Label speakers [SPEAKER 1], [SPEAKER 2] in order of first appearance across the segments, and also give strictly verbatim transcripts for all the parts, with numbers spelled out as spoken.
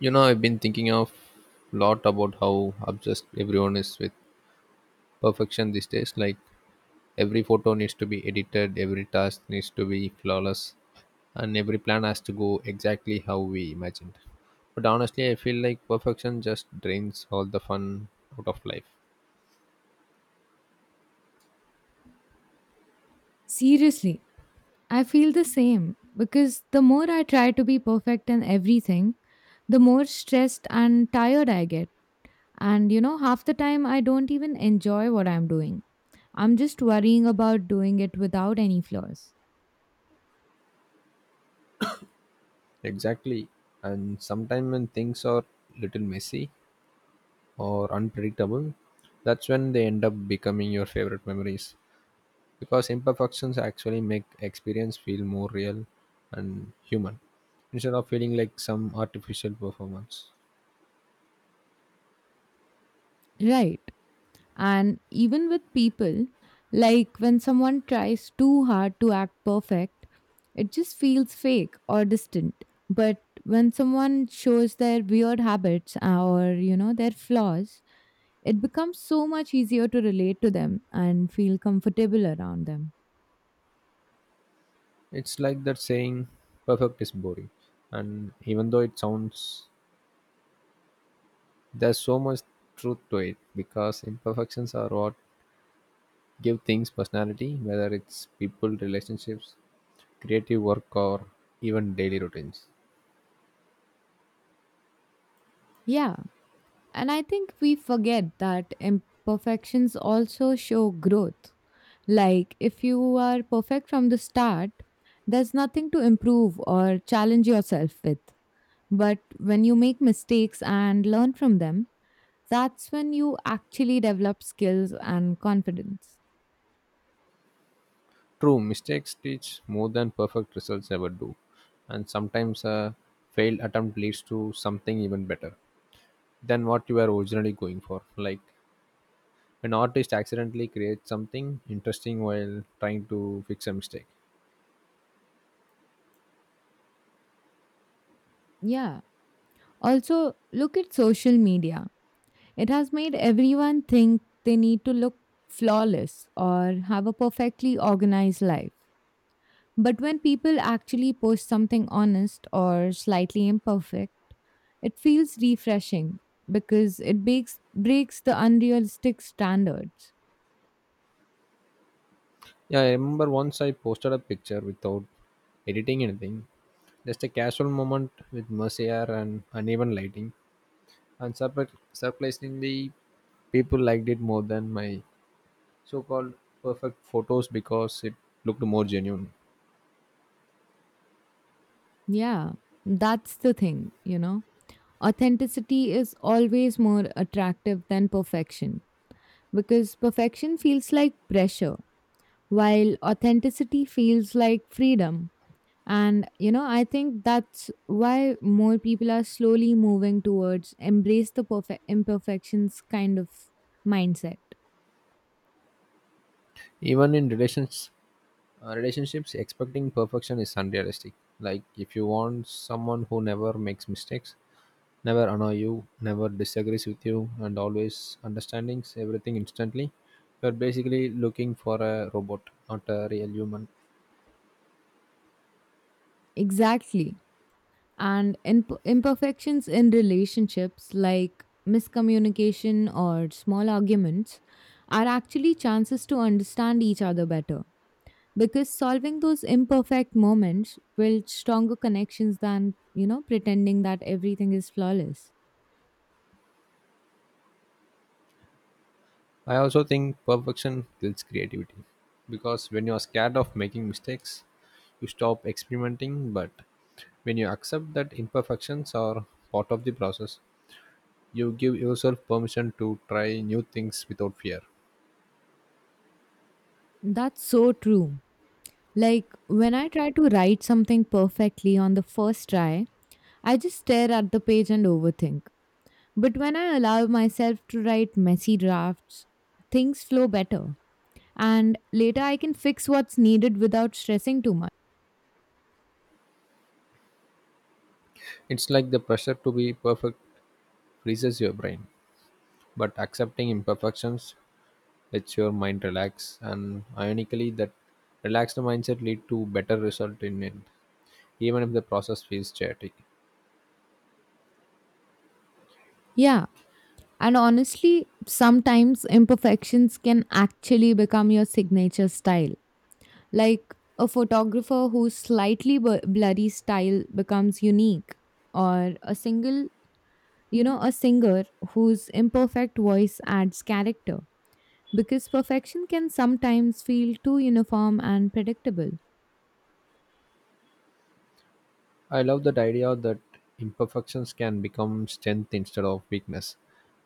[SPEAKER 1] You know, I've been thinking of lot about how obsessed everyone is with perfection these days. Like every photo needs to be edited, every task needs to be flawless, and every plan has to go exactly how we imagined. But honestly, I feel like perfection just drains all the fun out of life.
[SPEAKER 2] Seriously, I feel the same because the more I try to be perfect in everything, the more stressed and tired I get. And you know, half the time I don't even enjoy what I'm doing. I'm just worrying about doing it without any flaws.
[SPEAKER 1] Exactly. And sometimes when things are little messy or unpredictable, that's when they end up becoming your favorite memories, because imperfections actually make experience feel more real and human instead of feeling like some artificial performance.
[SPEAKER 2] Right. And even with people, like when someone tries too hard to act perfect, it just feels fake or distant. But when someone shows their weird habits uh, or, you know, their flaws, it becomes so much easier to relate to them and feel comfortable around them.
[SPEAKER 1] It's like that saying perfect is boring, and even though it sounds, there's so much truth to it because imperfections are what give things personality, whether it's people, relationships, creative work, or even daily routines.
[SPEAKER 2] Yeah, and I think we forget that imperfections also show growth. Like, if you are perfect from the start, there's nothing to improve or challenge yourself with. But when you make mistakes and learn from them, that's when you actually develop skills and confidence.
[SPEAKER 1] True, mistakes teach more than perfect results ever do, and sometimes a failed attempt leads to something even better than what you were originally going for. Like an artist accidentally creates something interesting while trying to fix a mistake.
[SPEAKER 2] Yeah. Also, look at social media. It has made everyone think they need to look flawless or have a perfectly organized life. But when people actually post something honest or slightly imperfect, it feels refreshing because it breaks, breaks the unrealistic standards.
[SPEAKER 1] Yeah, I remember once I posted a picture without editing anything, just a casual moment with messy air and uneven lighting, and surpri- surprisingly, people liked it more than my so-called perfect photos because it looked more genuine.
[SPEAKER 2] Yeah, that's the thing, you know? Authenticity is always more attractive than perfection because perfection feels like pressure, while authenticity feels like freedom. And you know, I think that's why more people are slowly moving towards embrace the perfect imperfections kind of mindset.
[SPEAKER 1] Even in relations, uh, relationships, expecting perfection is unrealistic. Like if you want someone who never makes mistakes, never annoy you, never disagrees with you, and always understandings everything instantly, you're basically looking for a robot, not a real human.
[SPEAKER 2] Exactly. And in- imperfections in relationships like miscommunication or small arguments are actually chances to understand each other better, because solving those imperfect moments build stronger connections than you know pretending that everything is flawless.
[SPEAKER 1] I also think perfection kills creativity because when you're scared of making mistakes, you stop experimenting. But when you accept that imperfections are part of the process, you give yourself permission to try new things without fear.
[SPEAKER 2] That's so true. Like when I try to write something perfectly on the first try, I just stare at the page and overthink. But when I allow myself to write messy drafts, things flow better, and later I can fix what's needed without stressing too much.
[SPEAKER 1] It's like the pressure to be perfect freezes your brain, but accepting imperfections lets your mind relax. And ironically, that relaxed mindset lead to better result in it, even if the process feels chaotic.
[SPEAKER 2] Yeah, and honestly, sometimes imperfections can actually become your signature style. Like a photographer whose slightly bu- blurry style becomes unique, or a single, you know, a singer whose imperfect voice adds character. Because perfection can sometimes feel too uniform and predictable.
[SPEAKER 1] I love that idea that imperfections can become strength instead of weakness.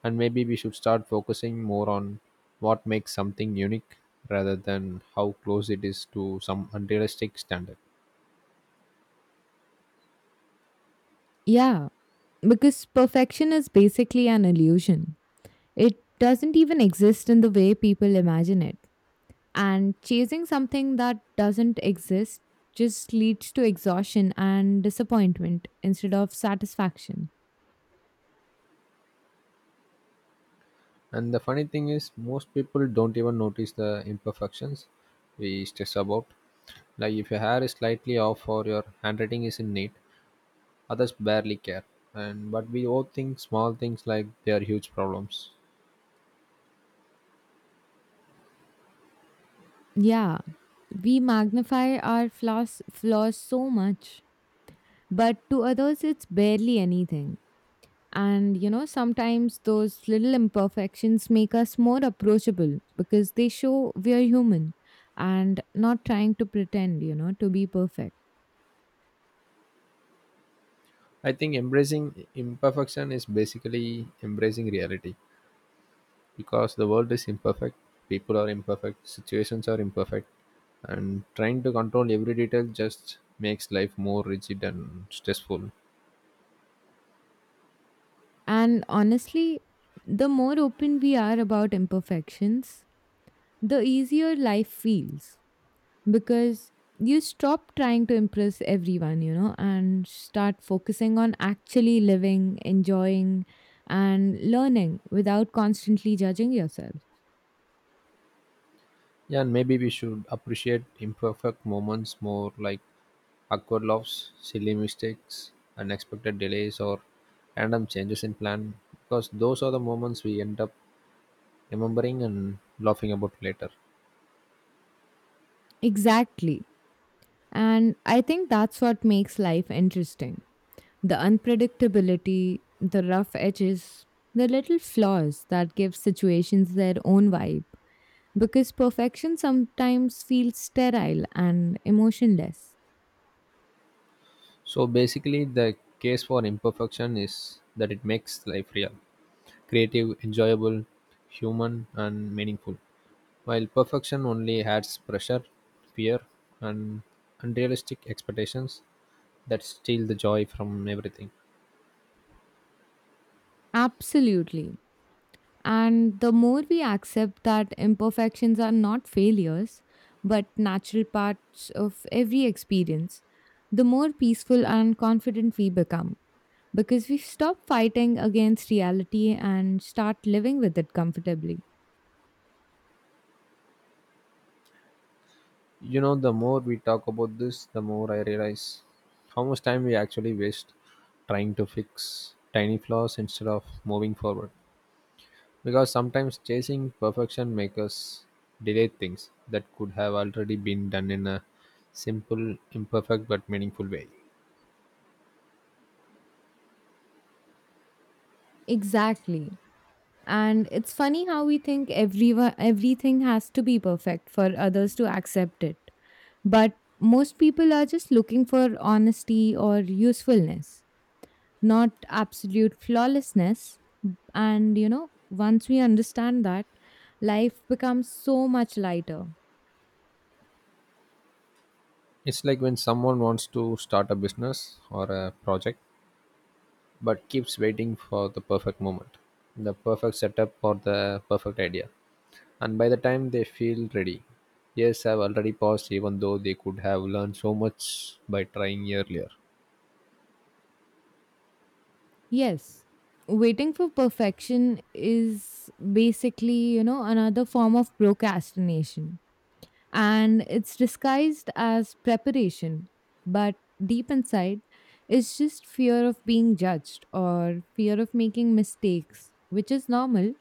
[SPEAKER 1] And maybe we should start focusing more on what makes something unique rather than how close it is to some unrealistic standard.
[SPEAKER 2] Yeah, because perfection is basically an illusion. It doesn't even exist in the way people imagine it. And chasing something that doesn't exist just leads to exhaustion and disappointment instead of satisfaction.
[SPEAKER 1] And the funny thing is, most people don't even notice the imperfections we stress about. Like if your hair is slightly off or your handwriting isn't neat, others barely care. And but we all think small things like they are huge problems.
[SPEAKER 2] Yeah, we magnify our flaws flaws so much, but to others it's barely anything. And you know, sometimes those little imperfections make us more approachable because they show we are human and not trying to pretend, you know, to be perfect.
[SPEAKER 1] I think embracing imperfection is basically embracing reality because the world is imperfect, people are imperfect, situations are imperfect, and trying to control every detail just makes life more rigid and stressful.
[SPEAKER 2] And honestly, the more open we are about imperfections, the easier life feels because you stop trying to impress everyone, you know, and start focusing on actually living, enjoying, and learning without constantly judging yourself.
[SPEAKER 1] Yeah, and maybe we should appreciate imperfect moments more, like awkward laughs, silly mistakes, unexpected delays, or random changes in plan, because those are the moments we end up remembering and laughing about later.
[SPEAKER 2] Exactly. And I think that's what makes life interesting: the unpredictability, the rough edges, the little flaws that give situations their own vibe. Because perfection sometimes feels sterile and emotionless.
[SPEAKER 1] So basically, the case for imperfection is that it makes life real, creative, enjoyable, human, and meaningful. While perfection only adds pressure, fear, and unrealistic expectations that steal the joy from everything.
[SPEAKER 2] Absolutely. And the more we accept that imperfections are not failures, but natural parts of every experience, the more peaceful and confident we become because we stop fighting against reality and start living with it comfortably.
[SPEAKER 1] You know, the more we talk about this, the more I realize how much time we actually waste trying to fix tiny flaws instead of moving forward, because sometimes chasing perfection makes us delay things that could have already been done in a simple, imperfect but meaningful way.
[SPEAKER 2] Exactly. And it's funny how we think everyone, everything has to be perfect for others to accept it. But most people are just looking for honesty or usefulness, not absolute flawlessness. And, you know, once we understand that, life becomes so much lighter.
[SPEAKER 1] It's like when someone wants to start a business or a project but keeps waiting for the perfect moment, the perfect setup, or the perfect idea, and by the time they feel ready, years have already passed, even though they could have learned so much by trying earlier.
[SPEAKER 2] Yes, waiting for perfection is basically, you know, another form of procrastination. And it's disguised as preparation. But deep inside, it's just fear of being judged or fear of making mistakes, which is normal,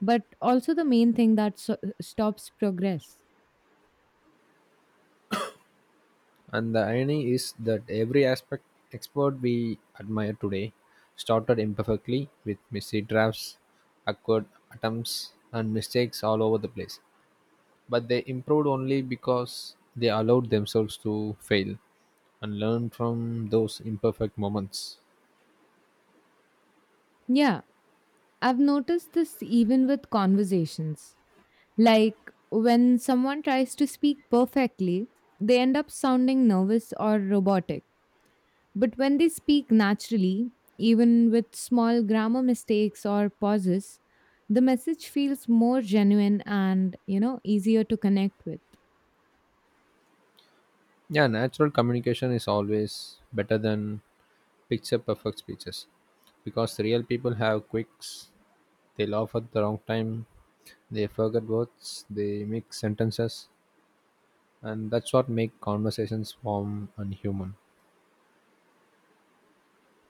[SPEAKER 2] but also the main thing that so- stops progress.
[SPEAKER 1] And the irony is that every aspect expert we admire today started imperfectly with messy drafts, awkward attempts, and mistakes all over the place. But they improved only because they allowed themselves to fail and learn from those imperfect moments.
[SPEAKER 2] Yeah, I've noticed this even with conversations. Like when someone tries to speak perfectly, they end up sounding nervous or robotic. But when they speak naturally, even with small grammar mistakes or pauses, the message feels more genuine and, you know, easier to connect with.
[SPEAKER 1] Yeah, natural communication is always better than picture perfect speeches because real people have quirks, they laugh at the wrong time, they forget words, they mix sentences, and that's what make conversations warm and human.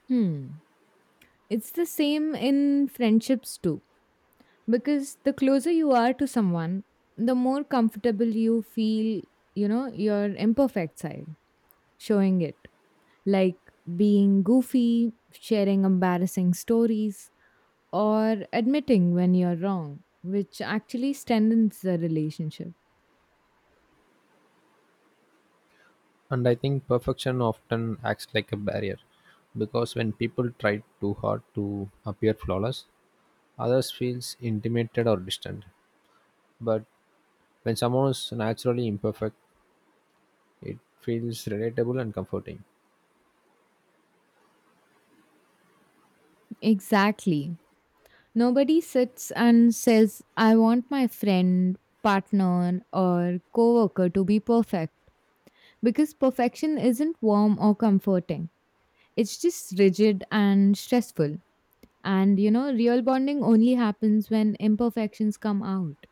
[SPEAKER 2] Hmm. It's the same in friendships too, because the closer you are to someone, the more comfortable you feel, you know, your imperfect side. Showing it, like being goofy, sharing embarrassing stories, or admitting when you're wrong, which actually strengthens the relationship.
[SPEAKER 1] And I think perfection often acts like a barrier because when people try too hard to appear flawless, others feels intimidated or distant. But when someone is naturally imperfect, it feels relatable and comforting.
[SPEAKER 2] Exactly. Nobody sits and says, I want my friend, partner, or coworker to be perfect because perfection isn't warm or comforting. It's just rigid and stressful. And you know, real bonding only happens when imperfections come out.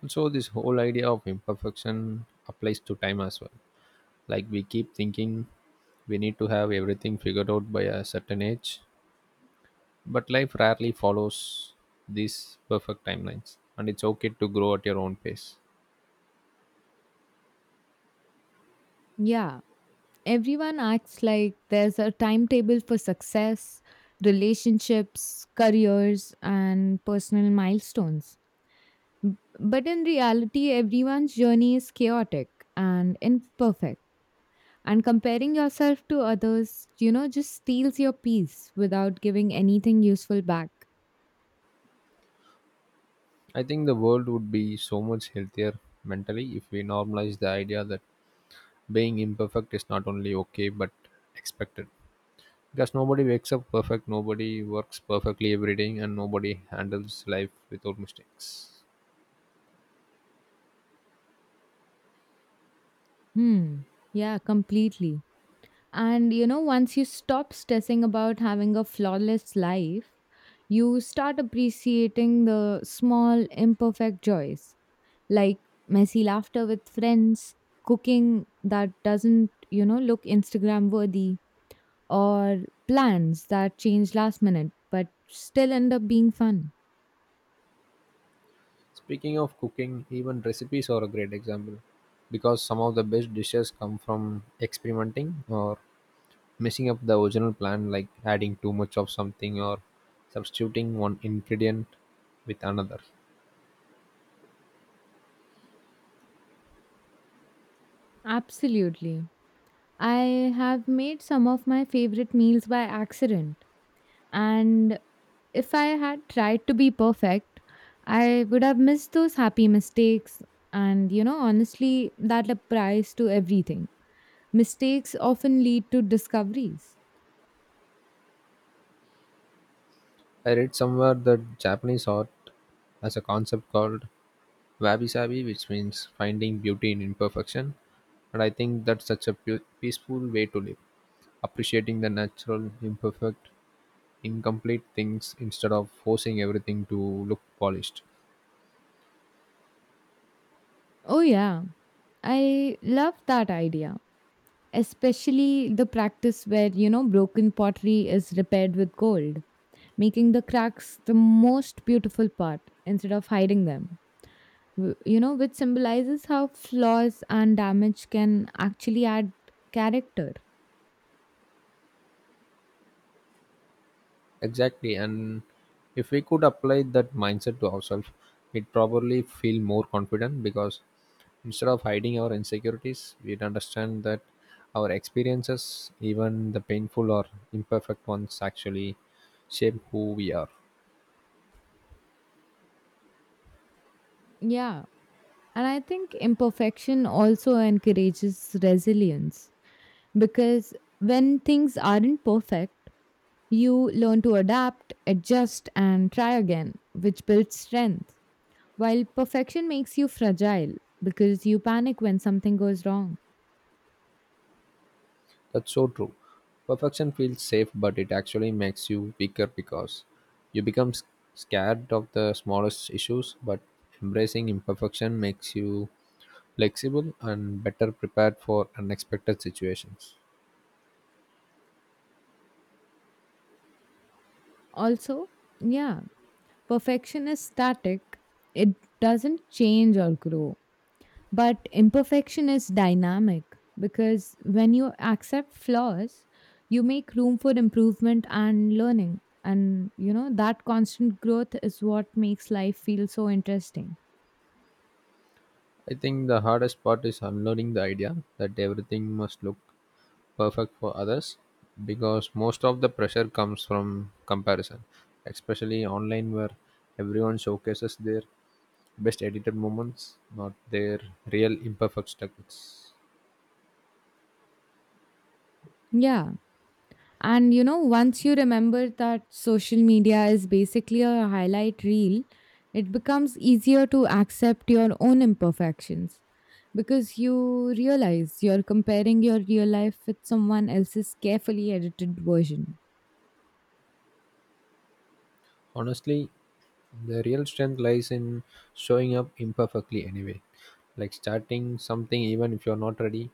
[SPEAKER 1] Also, this whole idea of imperfection applies to time as well. Like we keep thinking we need to have everything figured out by a certain age. But life rarely follows these perfect timelines, and it's okay to grow at your own pace.
[SPEAKER 2] Yeah, everyone acts like there's a timetable for success, relationships, careers, and personal milestones. B- But in reality, everyone's journey is chaotic and imperfect. And comparing yourself to others, you know, just steals your peace without giving anything useful back.
[SPEAKER 1] I think the world would be so much healthier mentally if we normalize the idea that being imperfect is not only okay but expected. Because nobody wakes up perfect, nobody works perfectly every day, and nobody handles life without mistakes.
[SPEAKER 2] Hmm. Yeah, completely. And you know, once you stop stressing about having a flawless life, you start appreciating the small, imperfect joys like messy laughter with friends, cooking that doesn't, you know, look Instagram worthy, or plans that change last minute but still end up being fun.
[SPEAKER 1] Speaking of cooking, even recipes are a great example because some of the best dishes come from experimenting or messing up the original plan, like adding too much of something or substituting one ingredient with another.
[SPEAKER 2] Absolutely. I have made some of my favorite meals by accident. And if I had tried to be perfect, I would have missed those happy mistakes. And, you know, honestly, that applies to everything. Mistakes often lead to discoveries.
[SPEAKER 1] I read somewhere that Japanese art has a concept called wabi sabi, which means finding beauty in imperfection. And I think that's such a pu- peaceful way to live, appreciating the natural, imperfect, incomplete things instead of forcing everything to look polished.
[SPEAKER 2] Oh, yeah. I love that idea, especially the practice where, you know, broken pottery is repaired with gold, making the cracks the most beautiful part instead of hiding them. W- You know, which symbolizes how flaws and damage can actually add character.
[SPEAKER 1] Exactly. And if we could apply that mindset to ourselves, we'd probably feel more confident because instead of hiding our insecurities, we'd understand that our experiences, even the painful or imperfect ones, actually shape who we are.
[SPEAKER 2] Yeah. And I think imperfection also encourages resilience because when things aren't perfect, you learn to adapt, adjust, and try again, which builds strength. While perfection makes you fragile because you panic when something goes wrong.
[SPEAKER 1] That's so true. Perfection feels safe, but it actually makes you weaker because you become s- scared of the smallest issues, but embracing imperfection makes you flexible and better prepared for unexpected situations.
[SPEAKER 2] Also, yeah, perfection is static, it doesn't change or grow. But imperfection is dynamic because when you accept flaws, you make room for improvement and learning. And, you know, that constant growth is what makes life feel so interesting.
[SPEAKER 1] I think the hardest part is unlearning the idea that everything must look perfect for others because most of the pressure comes from comparison, especially online, where everyone showcases their best edited moments, not their real imperfect struggles.
[SPEAKER 2] Yeah. And you know, once you remember that social media is basically a highlight reel, it becomes easier to accept your own imperfections because you realize you're comparing your real life with someone else's carefully edited version.
[SPEAKER 1] Honestly, the real strength lies in showing up imperfectly anyway, like starting something even if you're not ready,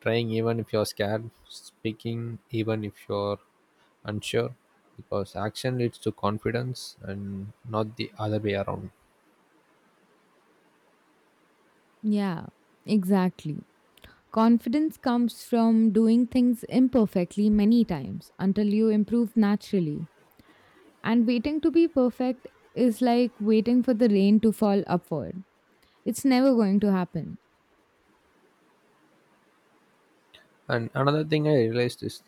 [SPEAKER 1] trying even if you're scared, speaking even if you're unsure, because action leads to confidence and not the other way around.
[SPEAKER 2] Yeah, exactly. Confidence comes from doing things imperfectly many times until you improve naturally. And waiting to be perfect is like waiting for the rain to fall upward. It's never going to happen.
[SPEAKER 1] And another thing I realized is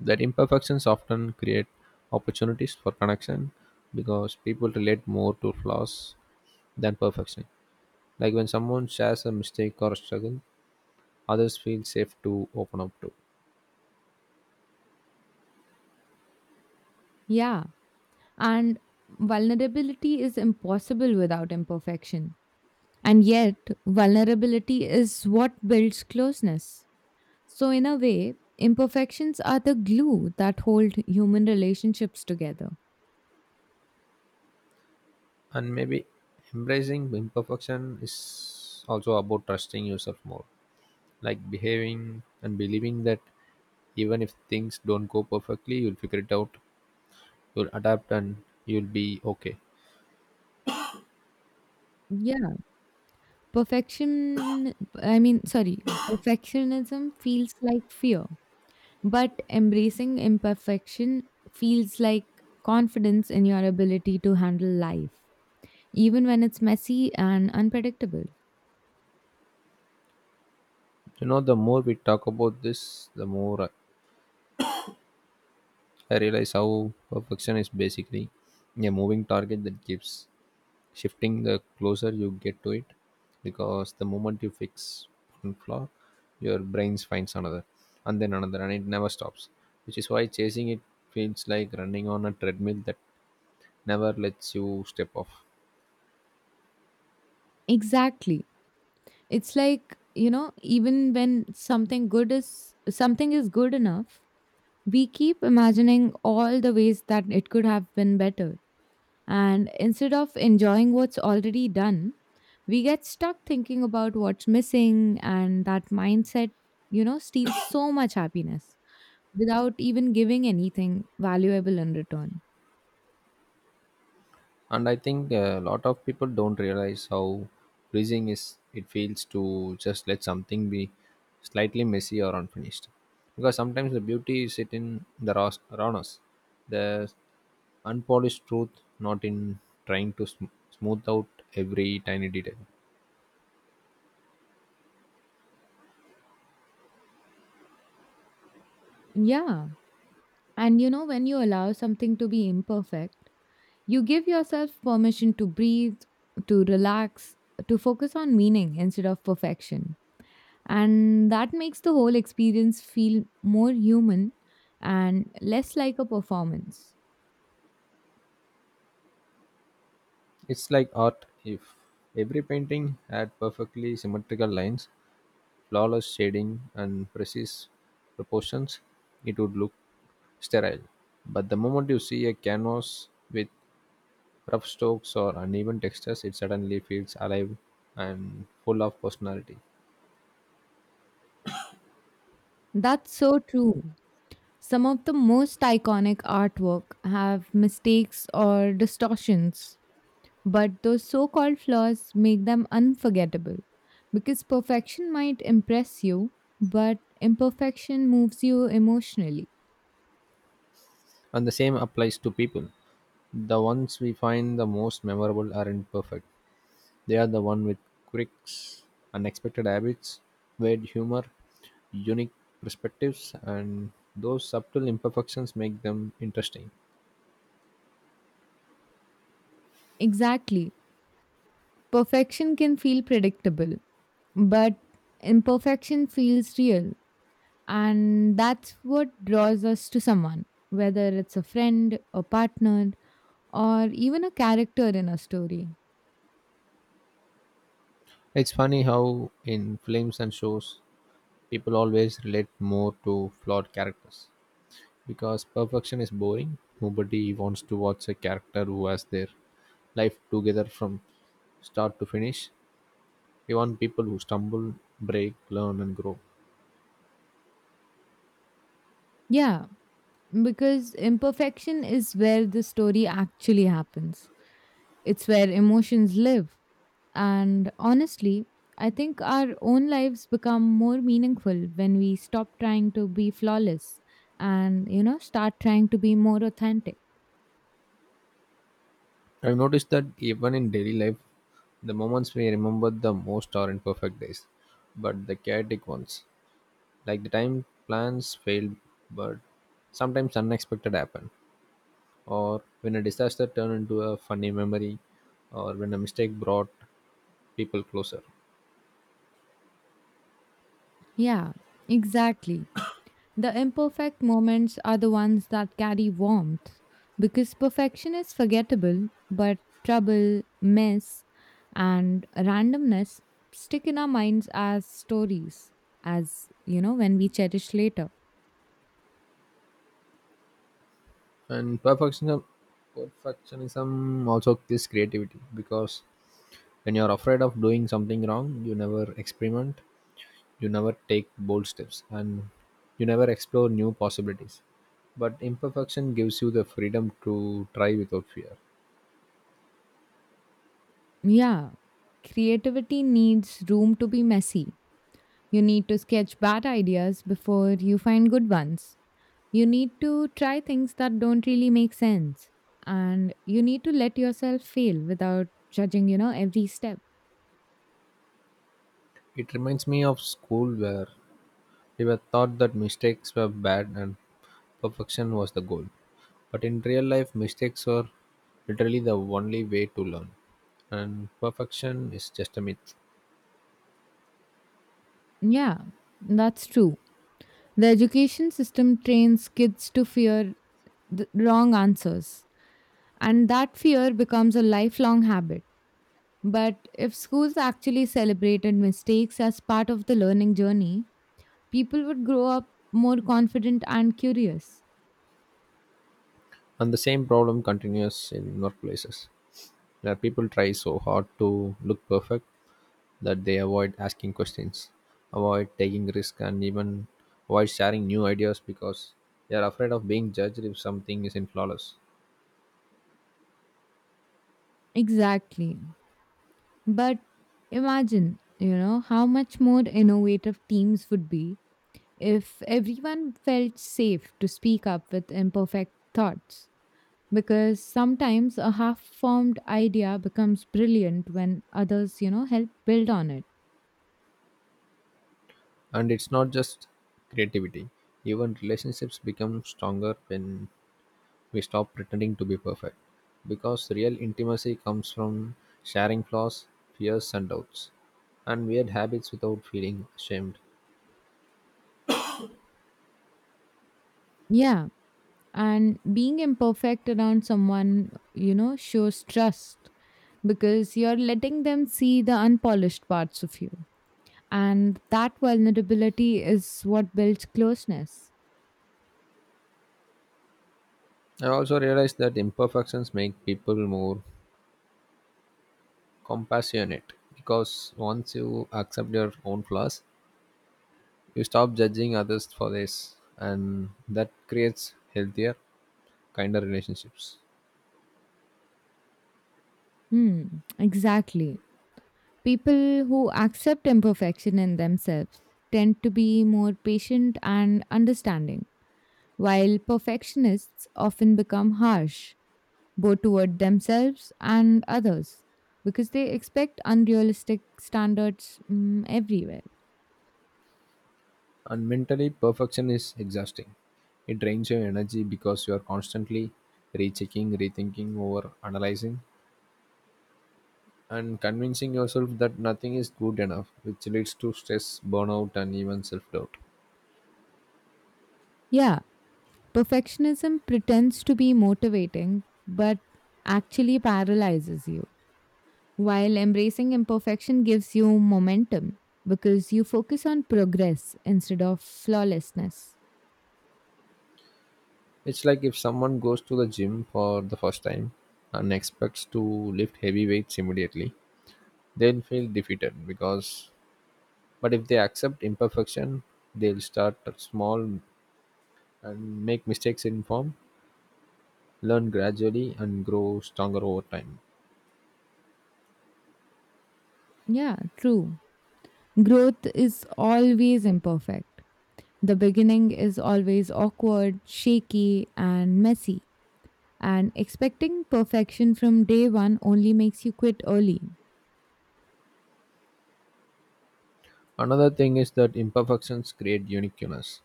[SPEAKER 1] that imperfections often create opportunities for connection because people relate more to flaws than perfection. Like when someone shares a mistake or a struggle, others feel safe to open up to.
[SPEAKER 2] Yeah. And vulnerability is impossible without imperfection. And yet, vulnerability is what builds closeness. So, in a way, imperfections are the glue that hold human relationships together.
[SPEAKER 1] And maybe embracing imperfection is also about trusting yourself more. Like behaving and believing that even if things don't go perfectly, you'll figure it out, you'll adapt, and you'll be okay.
[SPEAKER 2] Yeah, perfection, I mean, sorry, perfectionism feels like fear, but embracing imperfection feels like confidence in your ability to handle life, even when it's messy and unpredictable.
[SPEAKER 1] You know, the more we talk about this, the more I realize how perfection is basically a moving target that keeps shifting the closer you get to it, because the moment you fix one flaw, your brain finds another, and then another, and it never stops, which is why chasing it feels like running on a treadmill that never lets you step off.
[SPEAKER 2] Exactly. It's like, you know, even when something good is something is good enough, we keep imagining all the ways that it could have been better. And instead of enjoying what's already done, we get stuck thinking about what's missing, and that mindset, you know, steals so much happiness without even giving anything valuable in return.
[SPEAKER 1] And I think a lot of people don't realize how freezing is it feels to just let something be slightly messy or unfinished, because sometimes the beauty is it in the raw- rawness, the unpolished truth, not in trying to sm- smooth out every tiny detail.
[SPEAKER 2] Yeah. And you know, when you allow something to be imperfect, you give yourself permission to breathe, to relax, to focus on meaning instead of perfection. And that makes the whole experience feel more human and less like a performance.
[SPEAKER 1] It's like art. If every painting had perfectly symmetrical lines, flawless shading, and precise proportions, it would look sterile. But the moment you see a canvas with rough strokes or uneven textures, it suddenly feels alive and full of personality.
[SPEAKER 2] That's so true. Some of the most iconic artwork have mistakes or distortions, but those so called flaws make them unforgettable because perfection might impress you, but imperfection moves you emotionally.
[SPEAKER 1] And the same applies to people. The ones we find the most memorable aren't perfect. They are the one with quirks, unexpected habits, weird humor, unique perspectives, and those subtle imperfections make them interesting.
[SPEAKER 2] Exactly. Perfection can feel predictable, but imperfection feels real, and that's what draws us to someone, whether it's a friend, a partner, or even a character in a story.
[SPEAKER 1] It's funny how, in films and shows, people always relate more to flawed characters. Because perfection is boring, nobody wants to watch a character who has their life together from start to finish. We want people who stumble, break, learn, and grow.
[SPEAKER 2] Yeah, because imperfection is where the story actually happens. It's where emotions live. And honestly, I think our own lives become more meaningful when we stop trying to be flawless and, you know, start trying to be more authentic.
[SPEAKER 1] I've noticed that even in daily life, the moments we remember the most are imperfect days, but the chaotic ones. Like the time plans failed, but sometimes unexpected happen, or when a disaster turned into a funny memory, or when a mistake brought people closer.
[SPEAKER 2] Yeah, exactly. The imperfect moments are the ones that carry warmth because perfection is forgettable, but trouble, mess, and randomness stick in our minds as stories, as you know, when we cherish later.
[SPEAKER 1] And perfectionism perfectionism also kills creativity because when you're afraid of doing something wrong, you never experiment, you never take bold steps, and you never explore new possibilities. But imperfection gives you the freedom to try without fear.
[SPEAKER 2] Yeah. Creativity needs room to be messy. You need to sketch bad ideas before you find good ones. You need to try things that don't really make sense. And you need to let yourself fail without judging, you know, every step.
[SPEAKER 1] It reminds me of school, where he were taught that mistakes were bad and perfection was the goal. But in real life, mistakes are literally the only way to learn, and perfection is just a myth.
[SPEAKER 2] Yeah, that's true. The education system trains kids to fear the wrong answers. And that fear becomes a lifelong habit. But if schools actually celebrated mistakes as part of the learning journey, people would grow up more confident and curious.
[SPEAKER 1] And the same problem continues in workplaces, where people try so hard to look perfect that they avoid asking questions, avoid taking risks, and even avoid sharing new ideas because they are afraid of being judged if something isn't flawless.
[SPEAKER 2] Exactly. But imagine, you know, how much more innovative teams would be if everyone felt safe to speak up with imperfect thoughts. Because sometimes a half formed idea becomes brilliant when others, you know, help build on it.
[SPEAKER 1] And it's not just creativity. Even relationships become stronger when we stop pretending to be perfect. Because real intimacy comes from sharing flaws, fears, and doubts, and weird habits without feeling ashamed.
[SPEAKER 2] Yeah. And being imperfect around someone, you know, shows trust because you're letting them see the unpolished parts of you, and that vulnerability is what builds closeness.
[SPEAKER 1] I also realized that imperfections make people more compassionate because once you accept your own flaws, you stop judging others for this, and that creates healthier, kinder relationships.
[SPEAKER 2] Hmm, exactly. People who accept imperfection in themselves tend to be more patient and understanding, while perfectionists often become harsh, both toward themselves and others because they expect unrealistic standards mm, everywhere.
[SPEAKER 1] And mentally, perfection is exhausting. It drains your energy because you are constantly rechecking, rethinking, over analyzing, and convincing yourself that nothing is good enough, which leads to stress, burnout, and even self doubt.
[SPEAKER 2] Yeah, perfectionism pretends to be motivating but actually paralyzes you, while embracing imperfection gives you momentum because you focus on progress instead of flawlessness.
[SPEAKER 1] It's like if someone goes to the gym for the first time and expects to lift heavy weights immediately, they'll feel defeated because, but if they accept imperfection, they'll start small and make mistakes in form, learn gradually, and grow stronger over time.
[SPEAKER 2] Yeah, true. Growth is always imperfect. The beginning is always awkward, shaky, and messy. And expecting perfection from day one only makes you quit early.
[SPEAKER 1] Another thing is that imperfections create uniqueness.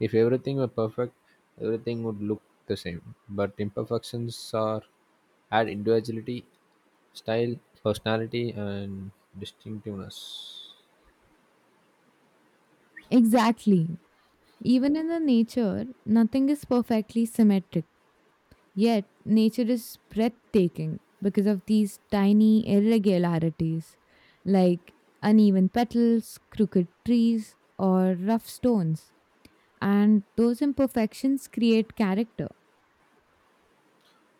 [SPEAKER 1] If everything were perfect, everything would look the same. But imperfections are add individuality, style, personality, and distinctiveness.
[SPEAKER 2] Exactly. Even in the nature, nothing is perfectly symmetric. Yet, nature is breathtaking because of these tiny irregularities, like uneven petals, crooked trees, or rough stones. And those imperfections create character.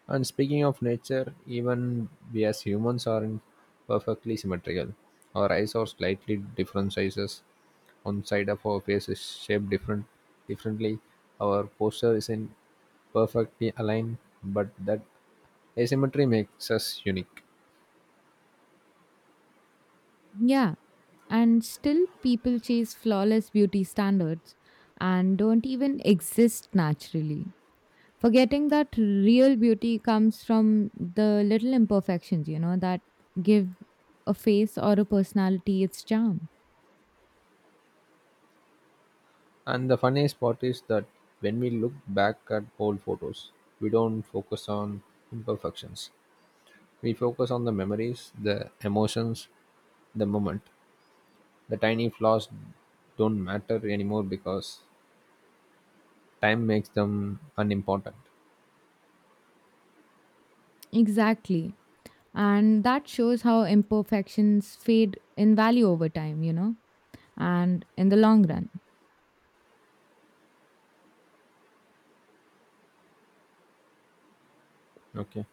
[SPEAKER 1] And speaking of nature, even we as humans aren't perfectly symmetrical. Our eyes are slightly different sizes. One side of our face is shaped different differently. Our posture isn't perfectly aligned, but that asymmetry makes us unique.
[SPEAKER 2] Yeah, and still people chase flawless beauty standards and don't even exist naturally. Forgetting that real beauty comes from the little imperfections, you know, that give a face or a personality its charm.
[SPEAKER 1] And the funniest part is that when we look back at old photos, we don't focus on imperfections. We focus on the memories, the emotions, the moment. The tiny flaws don't matter anymore because time makes them unimportant.
[SPEAKER 2] Exactly. And that shows how imperfections fade in value over time, you know, and in the long run.
[SPEAKER 1] Okay.